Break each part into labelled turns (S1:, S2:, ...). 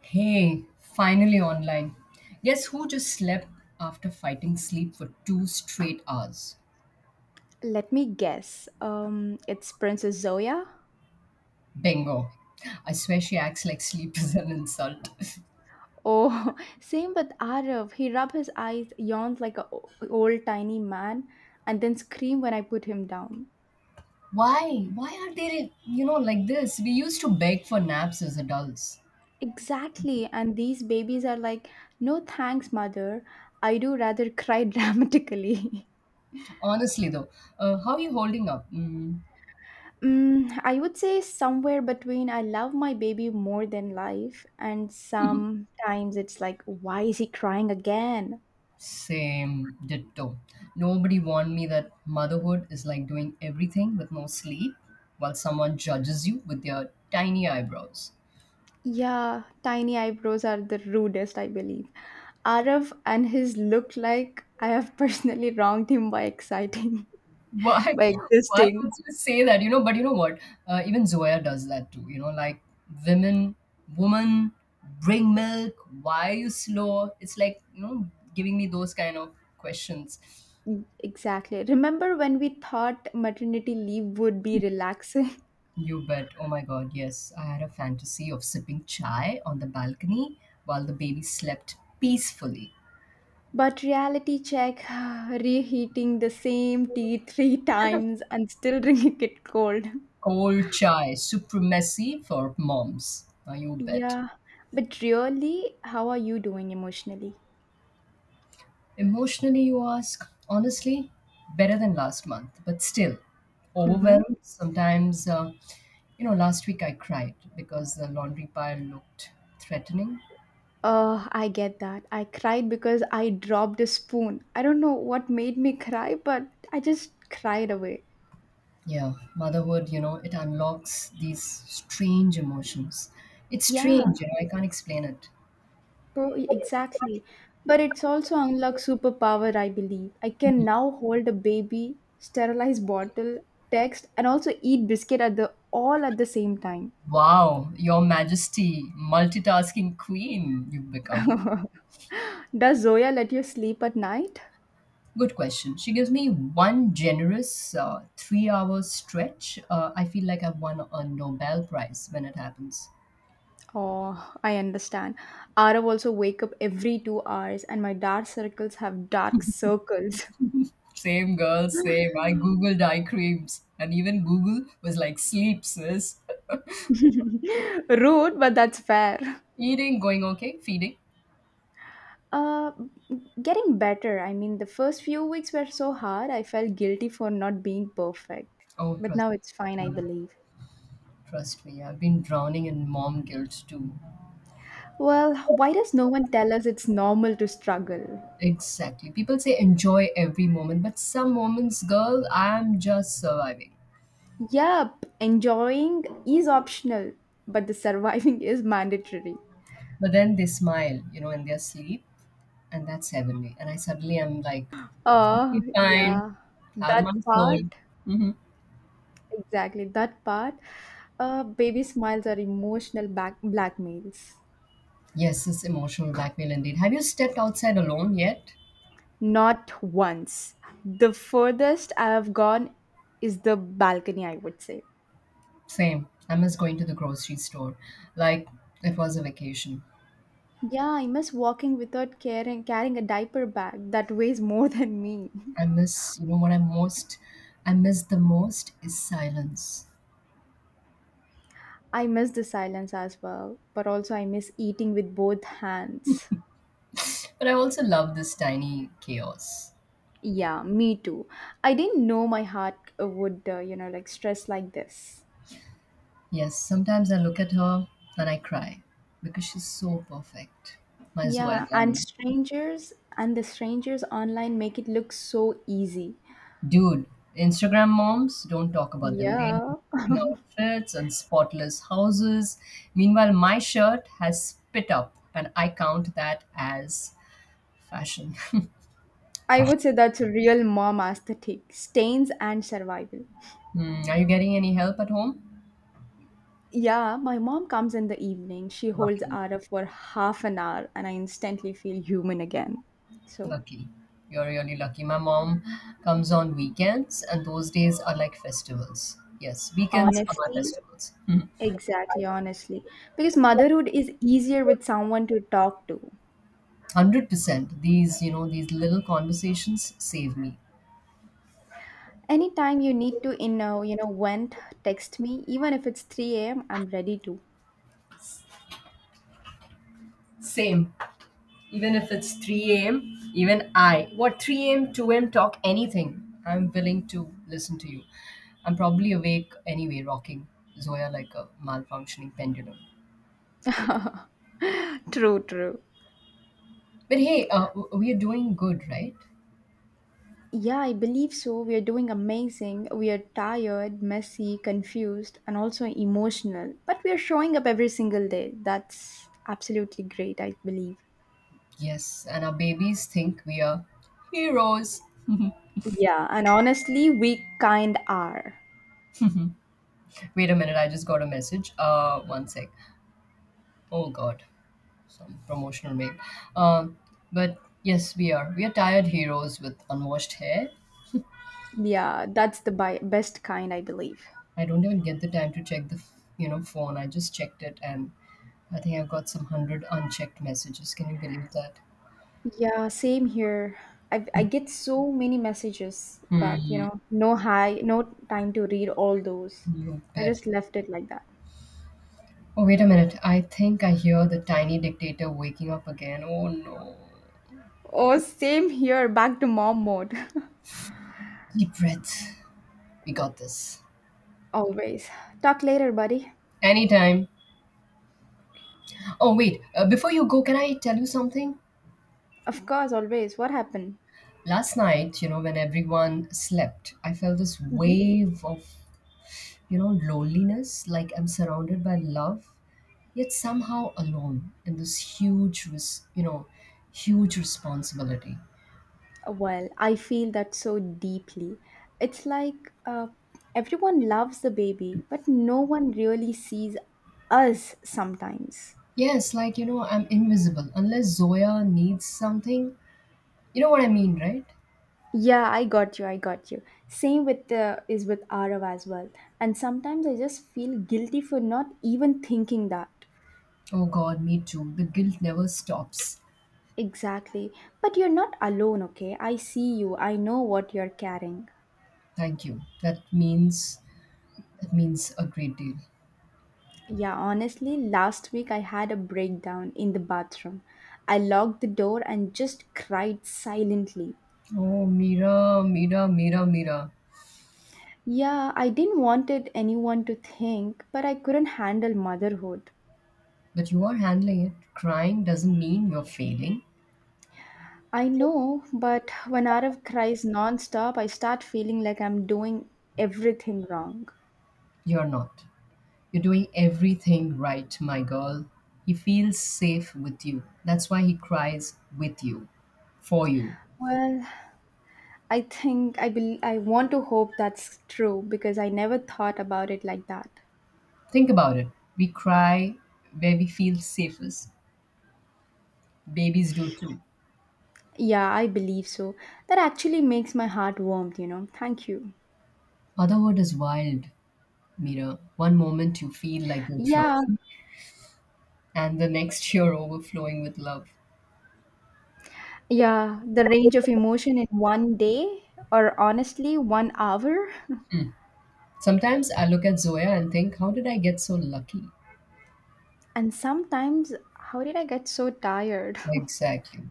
S1: Hey, finally online. Guess who just slept after fighting sleep for two straight hours?
S2: Let me guess. It's Princess Zoya.
S1: Bingo. I swear she acts like sleep is an insult.
S2: Oh, same with Arif. He rubbed his eyes, yawned like a old tiny man, and then screamed when I put him down.
S1: Why? Why are they like this? We used to beg for naps as adults.
S2: Exactly. And these babies are like, no thanks, mother. I do rather cry dramatically.
S1: Honestly, though, how are you holding up?
S2: I would say somewhere between I love my baby more than life, and sometimes it's like, why is he crying again?
S1: Same, ditto. Nobody warned me that motherhood is like doing everything with no sleep while someone judges you with their tiny eyebrows.
S2: Yeah, tiny eyebrows are the rudest, I believe. Arav and his look like I have personally wronged him by exciting,
S1: Why?
S2: by
S1: Why would
S2: existing.
S1: you say that? But you know what? Even Zoya does that too. Like women, woman, bring milk. Why are you slow? It's like giving me those kind of questions.
S2: Exactly. Remember when we thought maternity leave would be relaxing?
S1: You bet. Oh my God. Yes, I had a fantasy of sipping chai on the balcony while the baby slept peacefully.
S2: But reality check, reheating the same tea three times and still drinking it cold.
S1: Cold chai, supremacy for moms. Now you bet.
S2: Yeah, but really, how are you doing emotionally?
S1: Emotionally, you ask, honestly, better than last month, but still
S2: Mm-hmm.
S1: overwhelmed. Sometimes, last week I cried because the laundry pile looked threatening.
S2: I get that. I cried because I dropped a spoon. I don't know what made me cry, but I just cried away.
S1: Yeah, motherhood it unlocks these strange emotions. It's strange
S2: Yeah,
S1: I can't explain it.
S2: bro, exactly. But it's also unlocked superpower, I believe. I can now hold a baby, sterilize bottle, text, and also eat biscuit at the all at the same time.
S1: Wow, Your Majesty, multitasking queen, you've become.
S2: Does Zoya let you sleep at night?
S1: Good question. She gives me one generous 3-hour stretch. I feel like I've won a Nobel Prize when it happens.
S2: Oh, I understand. Arav also wake up every 2 hours, and my dark circles have dark circles.
S1: Same girl, same. I Googled eye creams, and even Google was like, sleep, sis.
S2: Rude, but that's fair.
S1: Eating, going okay, feeding.
S2: Uh, Getting better. I mean, the first few weeks were so hard, I felt guilty for not being perfect.
S1: Oh,
S2: But
S1: trust,
S2: now it's fine, I believe.
S1: trust me. I've been drowning in mom guilt too.
S2: Well, why does no one tell us it's normal to struggle?
S1: Exactly. People say enjoy every moment, but some moments, girl, I'm just surviving.
S2: Yup, enjoying is optional, but the surviving is mandatory.
S1: But then they smile in their sleep, and that's heavenly. And I suddenly am like,
S2: Oh,
S1: be fine.
S2: yeah.
S1: Have
S2: That
S1: my soul.
S2: part,
S1: Hmm.
S2: exactly, that part. Baby smiles are emotional back blackmails.
S1: Yes, it's emotional blackmail indeed. Have you stepped outside alone yet?
S2: Not once. The furthest I have gone is the balcony, I would say.
S1: Same. I miss going to the grocery store. Like it was a vacation.
S2: Yeah, I miss walking without carrying a diaper bag that weighs more than me.
S1: I miss, you know what I most, I miss the most is silence.
S2: I miss the silence as well, but also I miss eating with both hands.
S1: But I also love this tiny chaos.
S2: Yeah, me too. I didn't know my heart would, like stress like this.
S1: Yes, sometimes I look at her and I cry because she's so perfect. My Zoya
S2: Yeah, and
S1: darling.
S2: strangers and the strangers online make it look so easy.
S1: Dude, Instagram moms, don't talk about them. They have
S2: Yeah.
S1: matching outfits and spotless houses. Meanwhile, my shirt has spit up, and I count that as fashion.
S2: I would say that's a real mom aesthetic stains and survival.
S1: Hmm. Are you getting any help at home?
S2: Yeah, my mom comes in the evening. She holds
S1: Lucky,
S2: Ara for half an hour, and I instantly feel human again. So,
S1: lucky. You're really lucky. My mom comes on weekends, and those days are like festivals. Yes, weekends are my
S2: honestly,
S1: festivals. Hmm.
S2: exactly, honestly. Because motherhood is easier with someone to talk to.
S1: 100%. These little conversations save me.
S2: Anytime you need to, vent, text me. Even if it's 3 a.m., I'm ready to.
S1: Same. Even if it's 3 a.m., even I, what 3 a.m., 2 a.m., talk anything, I'm willing to listen to you. I'm probably awake anyway, rocking Zoya like a malfunctioning pendulum.
S2: True, true.
S1: But hey, we are doing good, right?
S2: Yeah, I believe so. We are doing amazing. We are tired, messy, confused, and also emotional. But we are showing up every single day. That's absolutely great, I believe.
S1: Yes, and our babies think we are heroes.
S2: Yeah, and honestly, we kind are.
S1: Wait a minute, I just got a message. One sec. Oh God, some promotional mail. Um, but yes, we are. We are tired heroes with unwashed hair.
S2: Yeah, that's the best kind, I believe.
S1: I don't even get the time to check the phone. I just checked it, and I think I've got some hundred unchecked messages. Can you believe that?
S2: Yeah, same here. I get so many messages, but no hi, no time to read all those.
S1: You
S2: I
S1: bet.
S2: just left it like that.
S1: Oh wait a minute. I think I hear the tiny dictator waking up again. Oh no.
S2: Oh, same here, back to mom mode.
S1: Deep breath. We got this.
S2: Always. Talk later, buddy.
S1: Anytime. Oh wait. Before you go, can I tell you something?
S2: Of course, always. What happened?
S1: Last night when everyone slept, I felt this
S2: Hmm.
S1: wave of loneliness. Like I'm surrounded by love yet somehow alone in this huge huge responsibility.
S2: Well, I feel that so deeply. It's like uh, everyone loves the baby, but no one really sees us sometimes.
S1: Yes, like I'm invisible unless Zoya needs something. You know what I mean, right?
S2: Yeah, I got you. I got you. Same with the is with Arav as well. And sometimes I just feel guilty for not even thinking that.
S1: Oh God, me too, the guilt never stops.
S2: Exactly. But you're not alone, okay? I see you. I know what you're carrying.
S1: Thank you, that means a great deal.
S2: Yeah, honestly, last week I had a breakdown in the bathroom. I locked the door and just cried silently.
S1: Oh, Mira, Mira, Mira, Mira.
S2: Yeah, I didn't wanted anyone to think, but I couldn't handle motherhood.
S1: But you are handling it. Crying doesn't mean you're failing.
S2: I know, but when Arav cries nonstop, I start feeling like I'm doing everything wrong.
S1: You're not. You're doing everything right, my girl. He feels safe with you. That's why he cries with you, for you.
S2: Well, I think I want to hope that's true because I never thought about it like that.
S1: Think about it. We cry where we feel safest. Babies do too.
S2: Yeah, I believe so. That actually makes my heart warm, you know. Thank you.
S1: Motherhood is wild, Mira. One moment you feel like you're
S2: Yeah,
S1: drowning, and the next you're overflowing with love.
S2: yeah, the range of emotion in one day or honestly one hour.
S1: Sometimes I look at Zoya and think, how did I get so lucky?
S2: And sometimes, how did I get so tired?
S1: Exactly.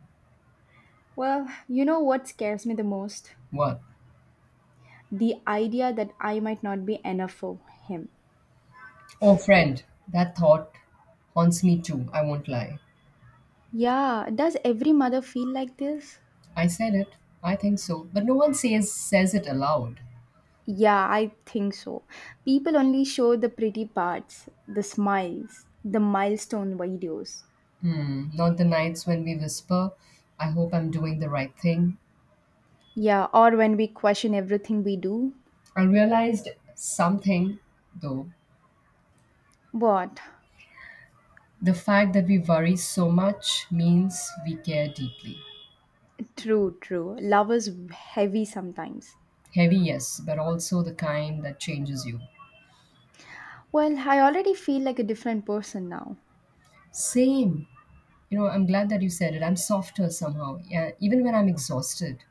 S2: Well, you know what scares me the most?
S1: What?
S2: The idea that I might not be enough for him.
S1: Oh, friend, that thought haunts me too, I won't lie.
S2: Yeah, does every mother feel like this?
S1: I said it. I think so. But no one says it aloud.
S2: Yeah, I think so. People only show the pretty parts, the smiles, the milestone videos.
S1: Hmm. Not the nights when we whisper, I hope I'm doing the right thing.
S2: Yeah, or when we question everything we do.
S1: I realized something, though.
S2: What?
S1: The fact that we worry so much means we care deeply.
S2: True, true. Love is heavy sometimes.
S1: Heavy, yes, but also the kind that changes you.
S2: Well, I already feel like a different person now.
S1: Same. You know, I'm glad that you said it. I'm softer somehow. Yeah, even when I'm exhausted,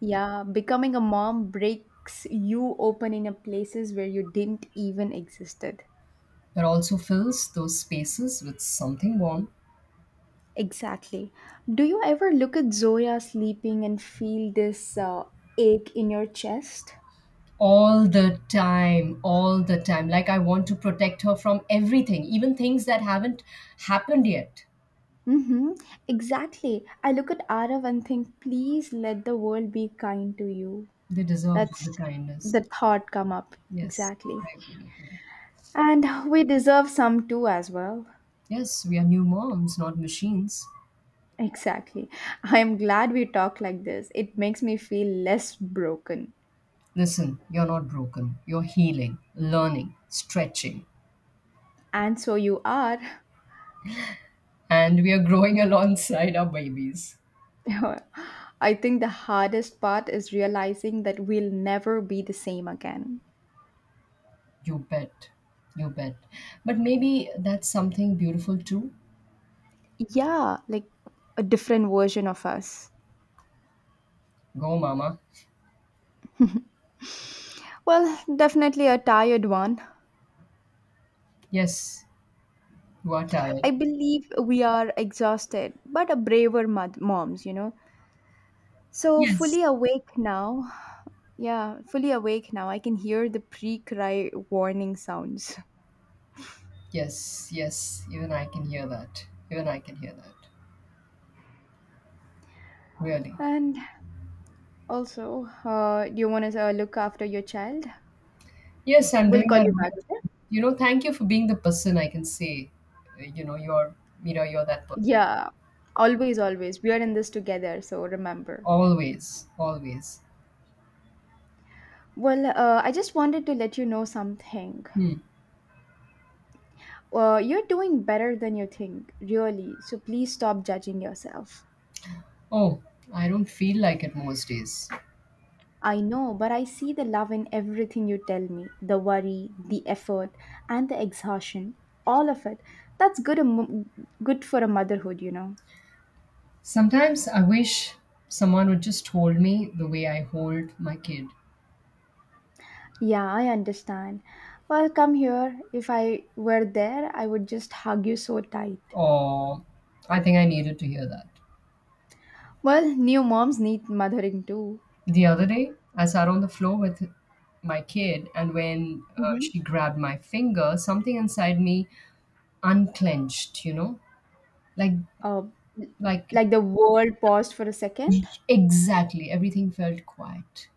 S2: Yeah, becoming a mom breaks you open in a places where you didn't even existed.
S1: but also fills those spaces with something warm.
S2: Exactly. Do you ever look at Zoya sleeping and feel this ache in your chest?
S1: All the time, all the time, like I want to protect her from everything, even things that haven't happened yet.
S2: Mm-hmm. Exactly. I look at Arav and think, please let the world be kind to you.
S1: They deserve all the
S2: That's
S1: kindness.
S2: the thought come up.
S1: Yes,
S2: Exactly.
S1: I agree with you.
S2: And we deserve some too as well.
S1: Yes, we are new moms, not machines.
S2: Exactly. I am glad we talk like this. It makes me feel less broken.
S1: Listen, you're not broken, you're healing, learning, stretching.
S2: And so you are.
S1: And we are growing alongside our babies.
S2: I think the hardest part is realizing that we'll never be the same again.
S1: You bet. You bet. But maybe that's something beautiful too.
S2: Yeah, like a different version of us.
S1: Go, Mama.
S2: Well, definitely a tired one.
S1: Yes, you are
S2: I
S1: tired.
S2: believe we are exhausted, but a braver moms, you know. So
S1: Yes.
S2: fully awake now. Yeah, fully awake now. I can hear the pre-cry warning sounds.
S1: Yes, yes, even I can hear that. Even I can hear that. Really.
S2: And also, do you want to look after your child?
S1: Yes, I'm
S2: We'll
S1: doing
S2: call
S1: that.
S2: you back, okay?
S1: You know, thank you for being the person I can say, uh, you know, you're, you're that person.
S2: Yeah, always, always. We are in this together, so remember.
S1: Always, always.
S2: Well, I just wanted to let you know something.
S1: Hmm.
S2: You're doing better than you think, really. So please stop judging yourself.
S1: Oh, I don't feel like it most days.
S2: I know, but I see the love in everything you tell me the worry, the effort, and the exhaustion. All of it. That's good, a good for a motherhood, you know.
S1: Sometimes I wish someone would just hold me the way I hold my kid.
S2: Yeah, I understand. Well, come here. If I were there, I would just hug you so tight.
S1: Or I think I needed to hear that.
S2: Well, new moms need mothering too.
S1: The other day, I sat on the floor with my kid, and when
S2: Hmm.
S1: she grabbed my finger, something inside me unclenched, you know? Like,
S2: Uh,
S1: like,
S2: like the world paused for a second.
S1: exactly. Everything felt quiet.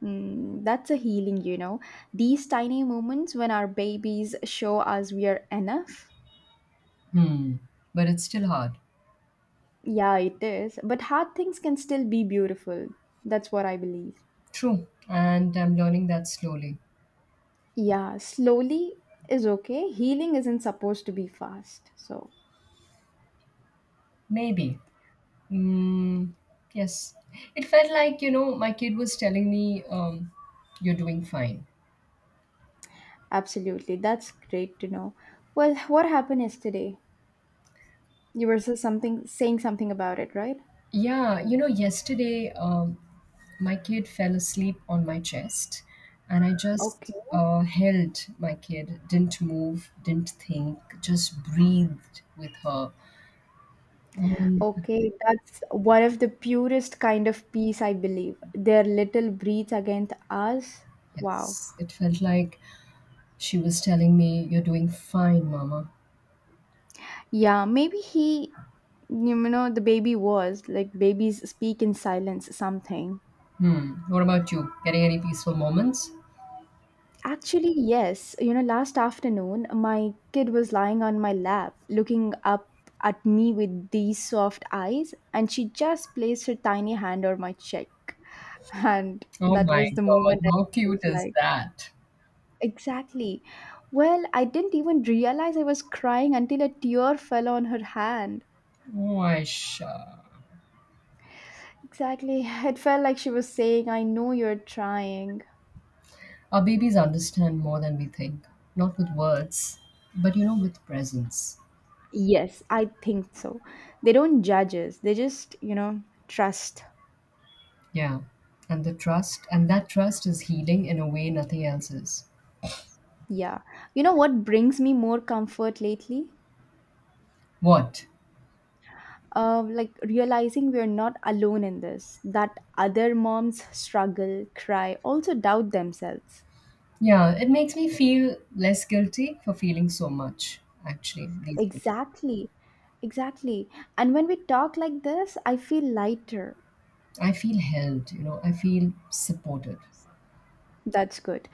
S2: That's a healing, you know. These tiny moments when our babies show us we are enough.
S1: Hmm. But it's still hard.
S2: Yeah, it is. But hard things can still be beautiful. That's what I believe.
S1: True. And I'm learning that slowly.
S2: Yeah, slowly is okay. Healing isn't supposed to be fast. So,
S1: Maybe. Mm, yes. It felt like my kid was telling me, you're doing fine.
S2: absolutely. That's great to know. Well, what happened yesterday? You were something saying something about it, right?
S1: Yeah yesterday my kid fell asleep on my chest, and I just
S2: Okay.
S1: held my kid, didn't move, didn't think, just breathed with her. Um,
S2: Okay, that's one of the purest kind of peace, I believe. Their little breeds against us. Wow.
S1: yes, it felt like she was telling me, you're doing fine, Mama.
S2: Yeah, maybe he, the baby was like babies speak in silence, something.
S1: Hmm. What about you, getting any peaceful moments?
S2: Actually, yes. Last afternoon, my kid was lying on my lap, looking up at me with these soft eyes, and she just placed her tiny hand on my cheek. And
S1: Oh
S2: that
S1: my
S2: was the
S1: God,
S2: moment I
S1: how cute
S2: felt
S1: is
S2: like,
S1: that?
S2: exactly. Well, I didn't even realize I was crying until a tear fell on her hand.
S1: Oh, I sure.
S2: Exactly. It felt like she was saying, I know you're trying.
S1: Our babies understand more than we think, not with words, but with presence.
S2: Yes, I think so. They don't judge us, they just, trust.
S1: Yeah. And that trust is healing in a way nothing else is.
S2: Yeah. You know what brings me more comfort lately?
S1: What?
S2: Like realizing we're not alone in this, that other moms struggle, cry, also doubt themselves.
S1: Yeah, it makes me feel less guilty for feeling so much, actually, these days.
S2: Exactly. Exactly. And when we talk like this, I feel lighter.
S1: I feel held, I feel supported.
S2: That's good.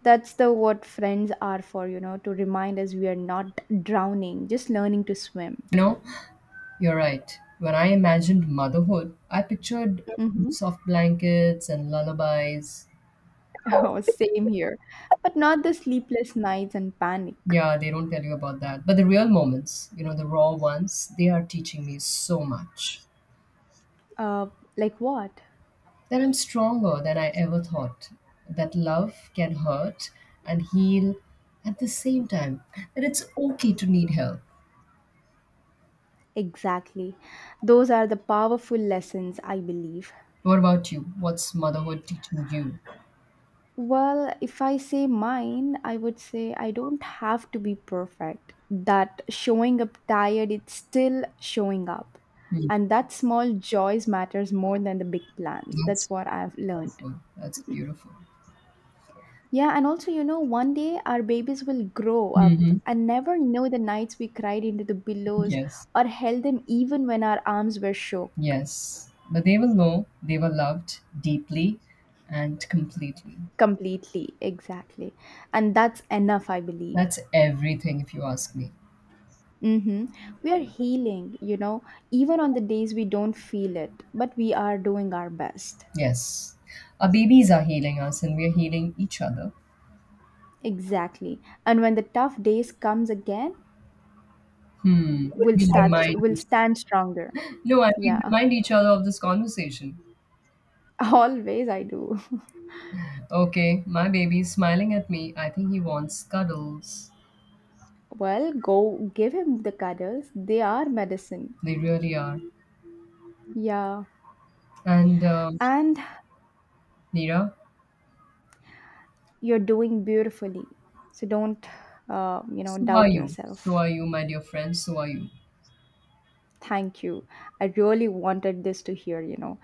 S2: That's the what friends are for, to remind us we are not drowning, just learning to swim.
S1: You know, you're right. When I imagined motherhood, I pictured
S2: Hmm.
S1: soft blankets and lullabies.
S2: Oh, same here. But not the sleepless nights and panic.
S1: Yeah, they don't tell you about that. But the real moments the raw ones, they are teaching me so much.
S2: Uh, like what?
S1: That I'm stronger than I ever thought, that love can hurt and heal at the same time, that it's okay to need help.
S2: Exactly. Those are the powerful lessons, I believe.
S1: What about you? What's motherhood teaching you?
S2: Well, if I say mine, I would say I don't have to be perfect. That showing up tired, it's still showing up.
S1: Hmm.
S2: And that small joys matters more than the big plans.
S1: That's
S2: That's what I've learned.
S1: beautiful. That's beautiful.
S2: Yeah, and also, one day our babies will grow up
S1: Hmm.
S2: and never know the nights we cried into the pillows
S1: Yes.
S2: or held them even when our arms were shook
S1: Yes. But they will know they were loved deeply and completely.
S2: completely. Exactly. And that's enough, I believe.
S1: That's everything, if you ask me.
S2: Mm-hmm. We are healing, even on the days we don't feel it, but we are doing our best.
S1: Yes. Our babies are healing us and we are healing each other.
S2: Exactly. And when the tough days comes again,
S1: Hmm. We remind
S2: we'll
S1: each
S2: stand stronger.
S1: No, I we
S2: Yeah.
S1: remind each other of this conversation.
S2: Always I do.
S1: Okay, my baby's smiling at me. I think he wants cuddles.
S2: Well, go give him the cuddles. They are medicine.
S1: They really are.
S2: Yeah.
S1: And
S2: And
S1: Neera,
S2: you're doing beautifully. So don't
S1: so are
S2: doubt
S1: you. So
S2: yourself.
S1: are you, my dear friend. So are you.
S2: Thank you. I really wanted this to hear.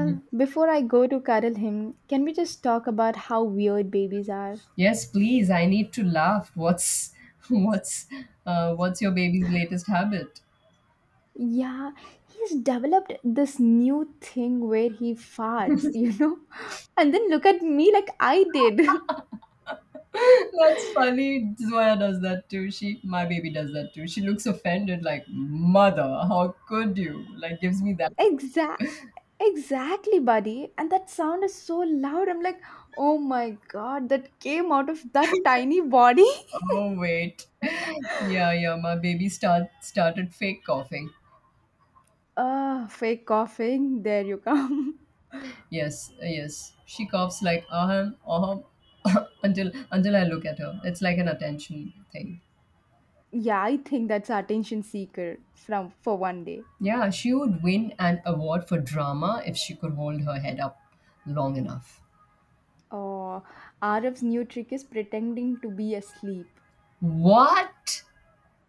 S1: Mm,
S2: before I go to cuddle him, can we just talk about how weird babies are?
S1: yes, please. I need to laugh. What's what's what's your baby's latest habit?
S2: Yeah, he's developed this new thing where he farts, you know? And then look at me like I did.
S1: That's funny. Zoya does that too. She, my baby, does that too. She looks offended, like mother. How could you? Like gives me that. Look.
S2: Exact exactly, buddy. And that sound is so loud. I'm like, "Oh my god, that came out of that tiny body."
S1: Oh wait. Yeah, yeah, my baby started fake coughing.
S2: Fake coughing. There you come.
S1: Yes, yes. She coughs like ahem, ahem until I look at her. It's like an attention thing.
S2: Yeah, I think that's our attention seeker from for one day.
S1: Yeah, she would win an award for drama if she could hold her head up long enough.
S2: Oh, Arif's new trick is pretending to be asleep.
S1: What?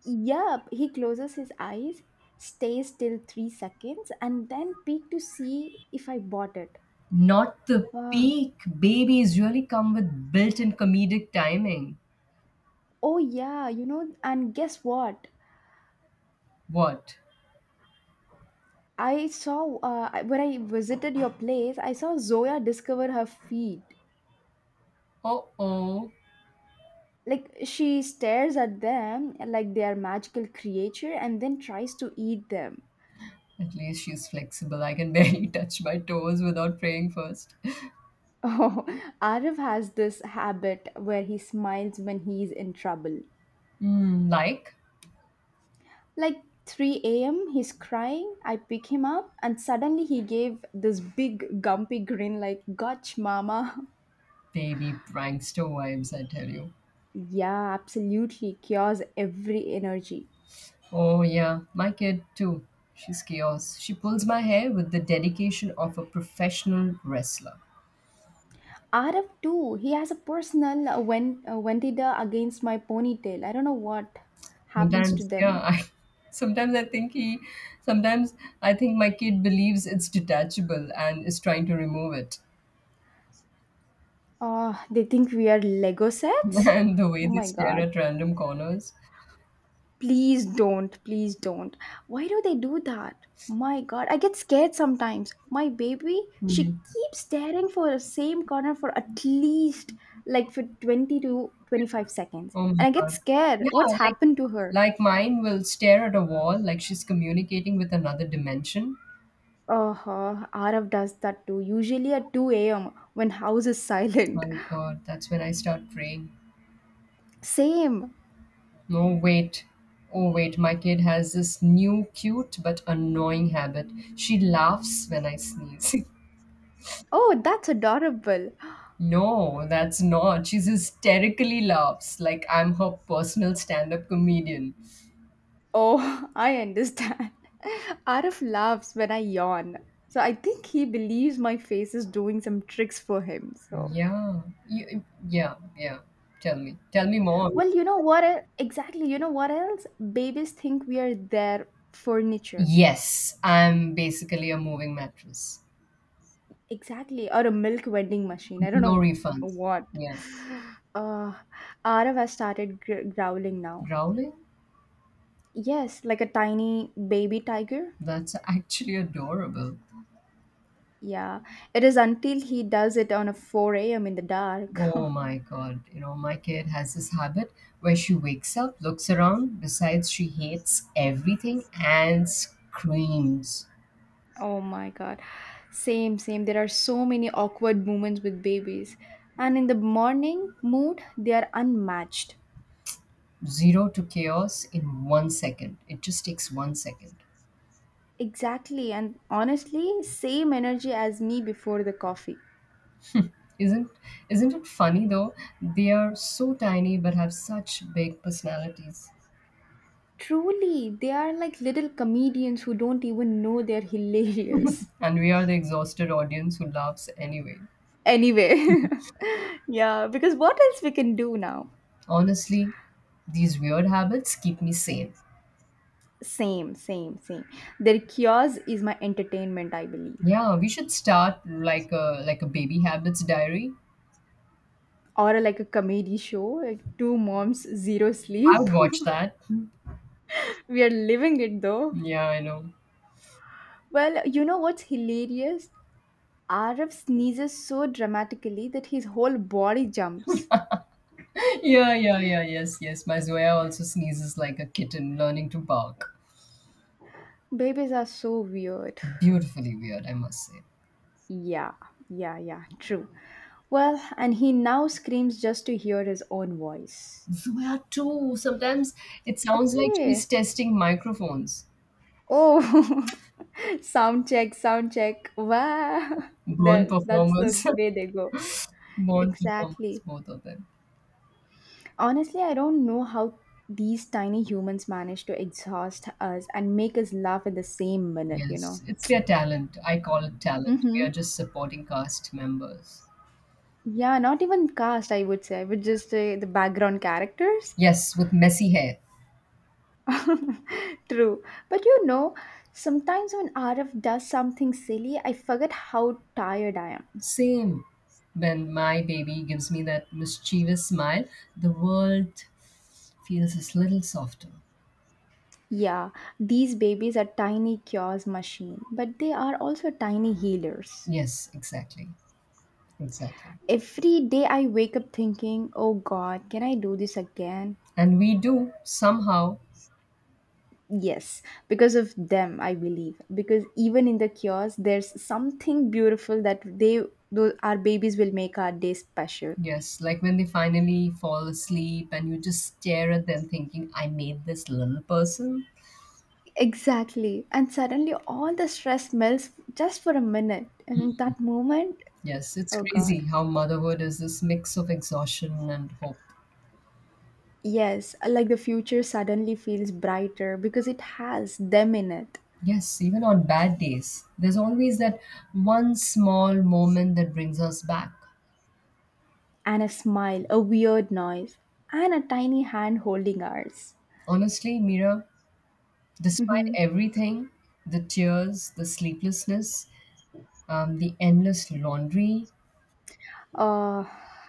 S2: Yup, he closes his eyes, stays till 3 seconds, and then peek to see if I bought it.
S1: Not the
S2: Uh,
S1: peak. Babies really come with built-in comedic timing.
S2: oh yeah, and guess what?
S1: What?
S2: When I visited your place, I saw Zoya discover her feet.
S1: Oh, oh.
S2: Like she stares at them like they are magical creature and then tries to eat them.
S1: At least she's flexible. I can barely touch my toes without praying first.
S2: Oh, Arif has this habit where he smiles when he's in trouble.
S1: Mm, like?
S2: Like 3 a.m., he's crying. I pick him up, and suddenly he gave this big, gumpy grin, like, Gotch, mama.
S1: Baby prankster vibes, I tell you.
S2: Yeah, absolutely. Cures every energy.
S1: Oh, yeah, my kid too. She's chaos. She pulls my hair with the dedication of a professional wrestler.
S2: Arif, too, he has a personal vendetta against my ponytail. I don't know what happens to
S1: Sometimes, yeah,
S2: them.
S1: sometimes I think he, sometimes I think my kid believes it's detachable and is trying to remove it.
S2: Oh, they think we are Lego sets?
S1: And the way
S2: Oh
S1: they
S2: my
S1: stare
S2: god.
S1: at random corners.
S2: Please don't. Please don't. Why do they do that? My god, I get scared sometimes. My baby, she
S1: Hmm.
S2: keeps staring for the same corner for at least like for 20 to 25 seconds.
S1: Oh my
S2: And I get
S1: God.
S2: scared.
S1: Yeah,
S2: What's
S1: like
S2: happened to her?
S1: like mine will stare at a wall like she's communicating with another dimension.
S2: Uh-huh. Arav does that too. Usually at 2 a.m. when house is silent.
S1: My God, that's when I start praying.
S2: Same.
S1: No, wait. Oh, wait, my kid has this new cute but annoying habit. She laughs when I sneeze.
S2: Oh, that's adorable.
S1: No, that's not. She hysterically laughs like I'm her personal stand up comedian.
S2: Oh, I understand. Arif laughs when I yawn. So I think he believes my face is doing some tricks for him. So,
S1: Yeah, yeah, yeah. Tell me. Tell me more.
S2: well, you know what? Exactly. You know what else? Babies think we are their furniture.
S1: Yes, I'm basically a moving mattress
S2: Exactly. Or a milk vending machine. I
S1: with
S2: don't
S1: no
S2: know
S1: refunds.
S2: what.
S1: Yeah.
S2: Uh, Arif has started growling now.
S1: Growling?
S2: Yes, like a tiny baby tiger.
S1: That's actually adorable.
S2: Yeah. It is until he does it on a 4 a.m. in the dark.
S1: Oh my God my kid has this habit where she wakes up, looks around, decides she hates everything, and screams
S2: Oh my god. Same, same. There are so many awkward moments with babies. And in the morning mood, they are unmatched.
S1: zero to chaos in one second. It just takes one second.
S2: Exactly. And honestly, same energy as me before the coffee.
S1: Isn't isn't it funny though? They are so tiny but have such big personalities.
S2: Truly, they are like little comedians who don't even know they're hilarious.
S1: And we are the exhausted audience who laughs anyway.
S2: Anyway, yeah, because what else we can do now?
S1: Honestly, these weird habits keep me sane.
S2: Same, same, same. Their chaos is my entertainment, I believe.
S1: Yeah, we should start like a baby habits diary.
S2: Or like a comedy show like two moms zero sleep.
S1: I would watch that.
S2: We are living it though.
S1: Yeah, I know.
S2: Well, you know what's hilarious, Arif sneezes so dramatically that his whole body jumps.
S1: Yeah, yeah, yeah, yes, yes. My Zoya also sneezes like a kitten learning to bark.
S2: Babies are so weird.
S1: Beautifully weird, I must say.
S2: Yeah, yeah, yeah, true. Well, and he now screams just to hear his own voice.
S1: Zoya too. Sometimes it sounds like
S2: Okay.
S1: she's testing microphones.
S2: Oh, sound check, sound check, wow.
S1: Born
S2: There, that's the
S1: performers.
S2: way they go.
S1: Born performers,
S2: Exactly.
S1: both of them.
S2: Honestly, I don't know how these tiny humans manage to exhaust us and make us laugh in the same minute, you know.
S1: Yes, it's their talent. I call it talent. We are
S2: Mm-hmm.
S1: just supporting cast members.
S2: Yeah, not even cast, I would say, but just the background characters.
S1: Yes, with messy hair.
S2: True. But you know, sometimes when RF does something silly, I forget how tired I am.
S1: Same. When my baby gives me that mischievous smile, the world feels a little softer.
S2: Yeah, these babies are tiny cures machine, but they are also tiny healers.
S1: Yes, exactly. Exactly.
S2: Every day I wake up thinking, "Oh god, can I do this again?"
S1: And we do, somehow.
S2: Yes, because of them, I believe. Because even in the chaos there's something beautiful that our babies will make our day special.
S1: Yes, like when they finally fall asleep and you just stare at them thinking, I made this little person.
S2: Exactly. And suddenly all the stress melts just for a minute. And that moment,
S1: Yes, it's
S2: oh God.
S1: crazy how motherhood is this mix of exhaustion and hope.
S2: Yes, like the future suddenly feels brighter because it has them in it.
S1: Yes, even on bad days, there's always that one small moment that brings us back.
S2: And a smile, a weird noise, and a tiny hand holding ours.
S1: Honestly, Mira, despite
S2: Mhm.
S1: everything, the tears, the sleeplessness, the endless laundry.
S2: Uh,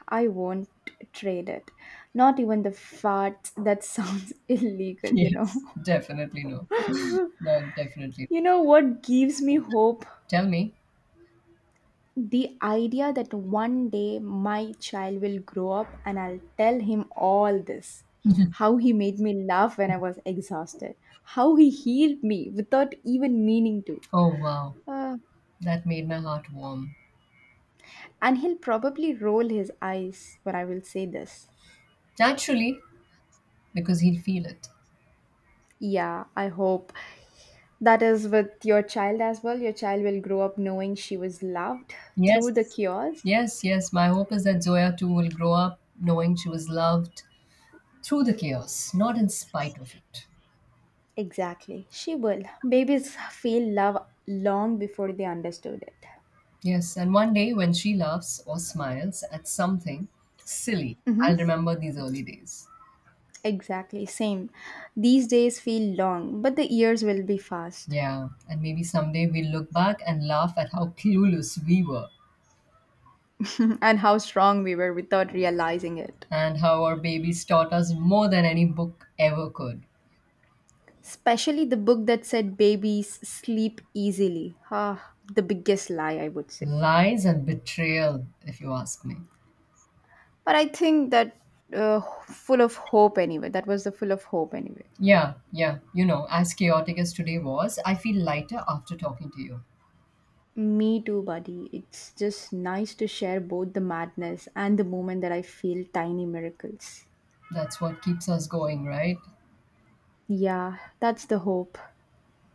S2: I won't trade it. Not even the fart that sounds illegal, you know.
S1: Yes, definitely no. No, definitely.
S2: You know what gives me hope?
S1: Tell me.
S2: The idea that one day my child will grow up and I'll tell him all this. How he made me laugh when I was exhausted. How he healed me without even meaning to.
S1: Oh, wow.
S2: Uh,
S1: That made my heart warm.
S2: and he'll probably roll his eyes when I will say this.
S1: Naturally, because he'll feel it.
S2: Yeah, I hope. That is with your child as well. Your child will grow up knowing she was loved through the
S1: Yes,
S2: cures.
S1: yes, yes. My hope is that Zoya too will grow up knowing she was loved through the chaos, not in spite of it.
S2: Exactly, she will. Babies feel love long before they understood it.
S1: Yes, and one day when she laughs or smiles at something silly,
S2: Hmm.
S1: I'll remember these early days.
S2: Exactly, same. These days feel long, but the years will be fast.
S1: Yeah, and maybe someday we'll look back and laugh at how clueless we were
S2: And how strong we were without realizing it.
S1: and how our babies taught us more than any book ever could.
S2: Especially the book that said babies sleep easily. Ah, the biggest lie, I would say.
S1: Lies and betrayal, if you ask me.
S2: But I think that full of hope anyway. That was the full of hope anyway.
S1: Yeah, yeah as chaotic as today was, I feel lighter after talking to you.
S2: Me too, buddy. It's just nice to share both the madness and the moment that I feel tiny miracles.
S1: That's what keeps us going, right?
S2: Yeah, that's the hope.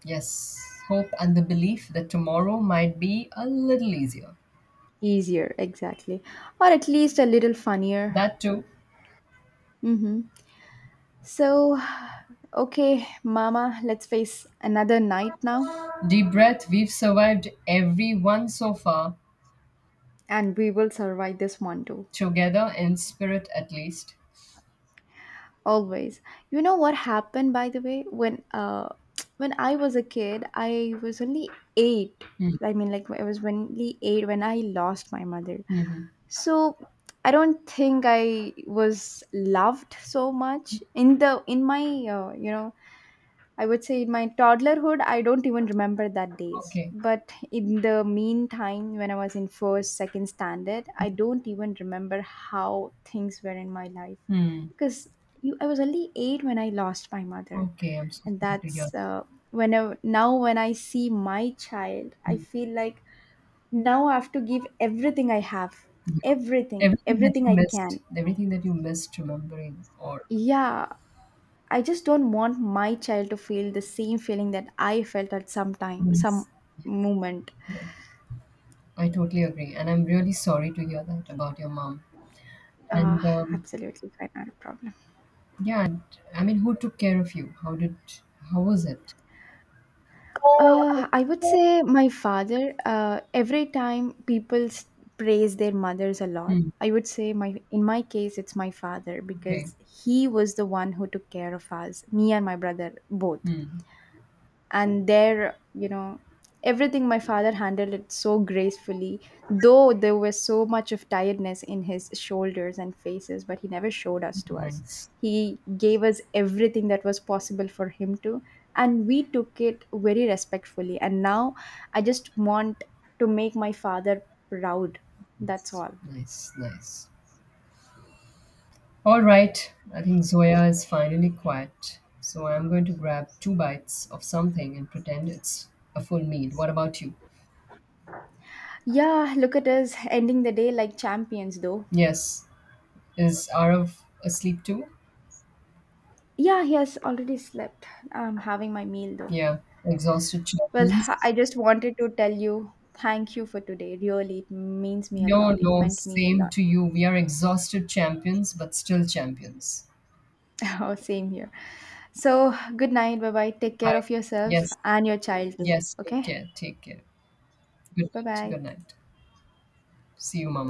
S1: Yes, hope and the belief that tomorrow might be a little easier.
S2: Easier, exactly. Or at least a little funnier.
S1: That too.
S2: Mm-hmm. So, okay, Mama, let's face another night now,
S1: Deep breath, we've survived every one so far,
S2: and we will survive this one too.
S1: together in spirit at least.
S2: Always. You know what happened by the way? When when I was a kid, I was only eight. I mean like I was only eight when I lost my mother.
S1: Mhm.
S2: So I don't think I was loved so much in the in my uh, you know I would say in my toddlerhood, I don't even remember that days.
S1: Okay.
S2: But in the meantime, when I was in first, second standard, I don't even remember how things were in my life
S1: Mm.
S2: because I was only eight when I lost my mother,
S1: Okay, I'm so
S2: and
S1: sorry to hear.
S2: that's whenever now when I see my child, I
S1: Mm.
S2: feel like now I have to give everything I have,
S1: Yeah. Everything that you
S2: everything I can.
S1: missed, everything that you missed remembering or
S2: Yeah, I just don't want my child to feel the same feeling that I felt at some time,
S1: yes.
S2: some moment.
S1: Yes. I totally agree. And I'm really sorry to hear that about your mom.
S2: Uh,
S1: And
S2: Absolutely fine, not a problem.
S1: yeah, I mean, who took care of you? How was it?
S2: I would say my father, every time people praise their mothers a lot,
S1: Hmm.
S2: I would say my in my case it's my father
S1: Okay.
S2: because he was the one who took care of us, me and my brother both.
S1: Hmm.
S2: And there, you know, everything my father handled it so gracefully, though there was so much of tiredness in his shoulders and faces, but he never showed us to us.
S1: Nice.
S2: He gave us everything that was possible for him to, and we took it very respectfully. And now I just want to make my father proud. That's
S1: Nice.
S2: all.
S1: Nice. Nice. All right, I think Zoya is finally quiet. So I'm going to grab two bites of something and pretend it's a full meal. What about you?
S2: Yeah, look at us ending the day like champions though.
S1: Yes. Is Arav asleep too?
S2: Yeah, he has already slept. I'm having my meal though.
S1: Yeah. Exhausted
S2: Well,
S1: champions.
S2: I just wanted to tell you thank you for today. Really, it means me a
S1: No,
S2: lot. It
S1: no,
S2: meant me a
S1: same
S2: lot.
S1: to you. We are exhausted champions, but still champions.
S2: Oh, same here. So, good night. Bye bye. Take care
S1: Bye.
S2: of yourself
S1: Yes,
S2: and your child too.
S1: yes, take
S2: Okay?
S1: care, take care. Good
S2: Bye
S1: night, good
S2: bye.
S1: night. See you, Mama.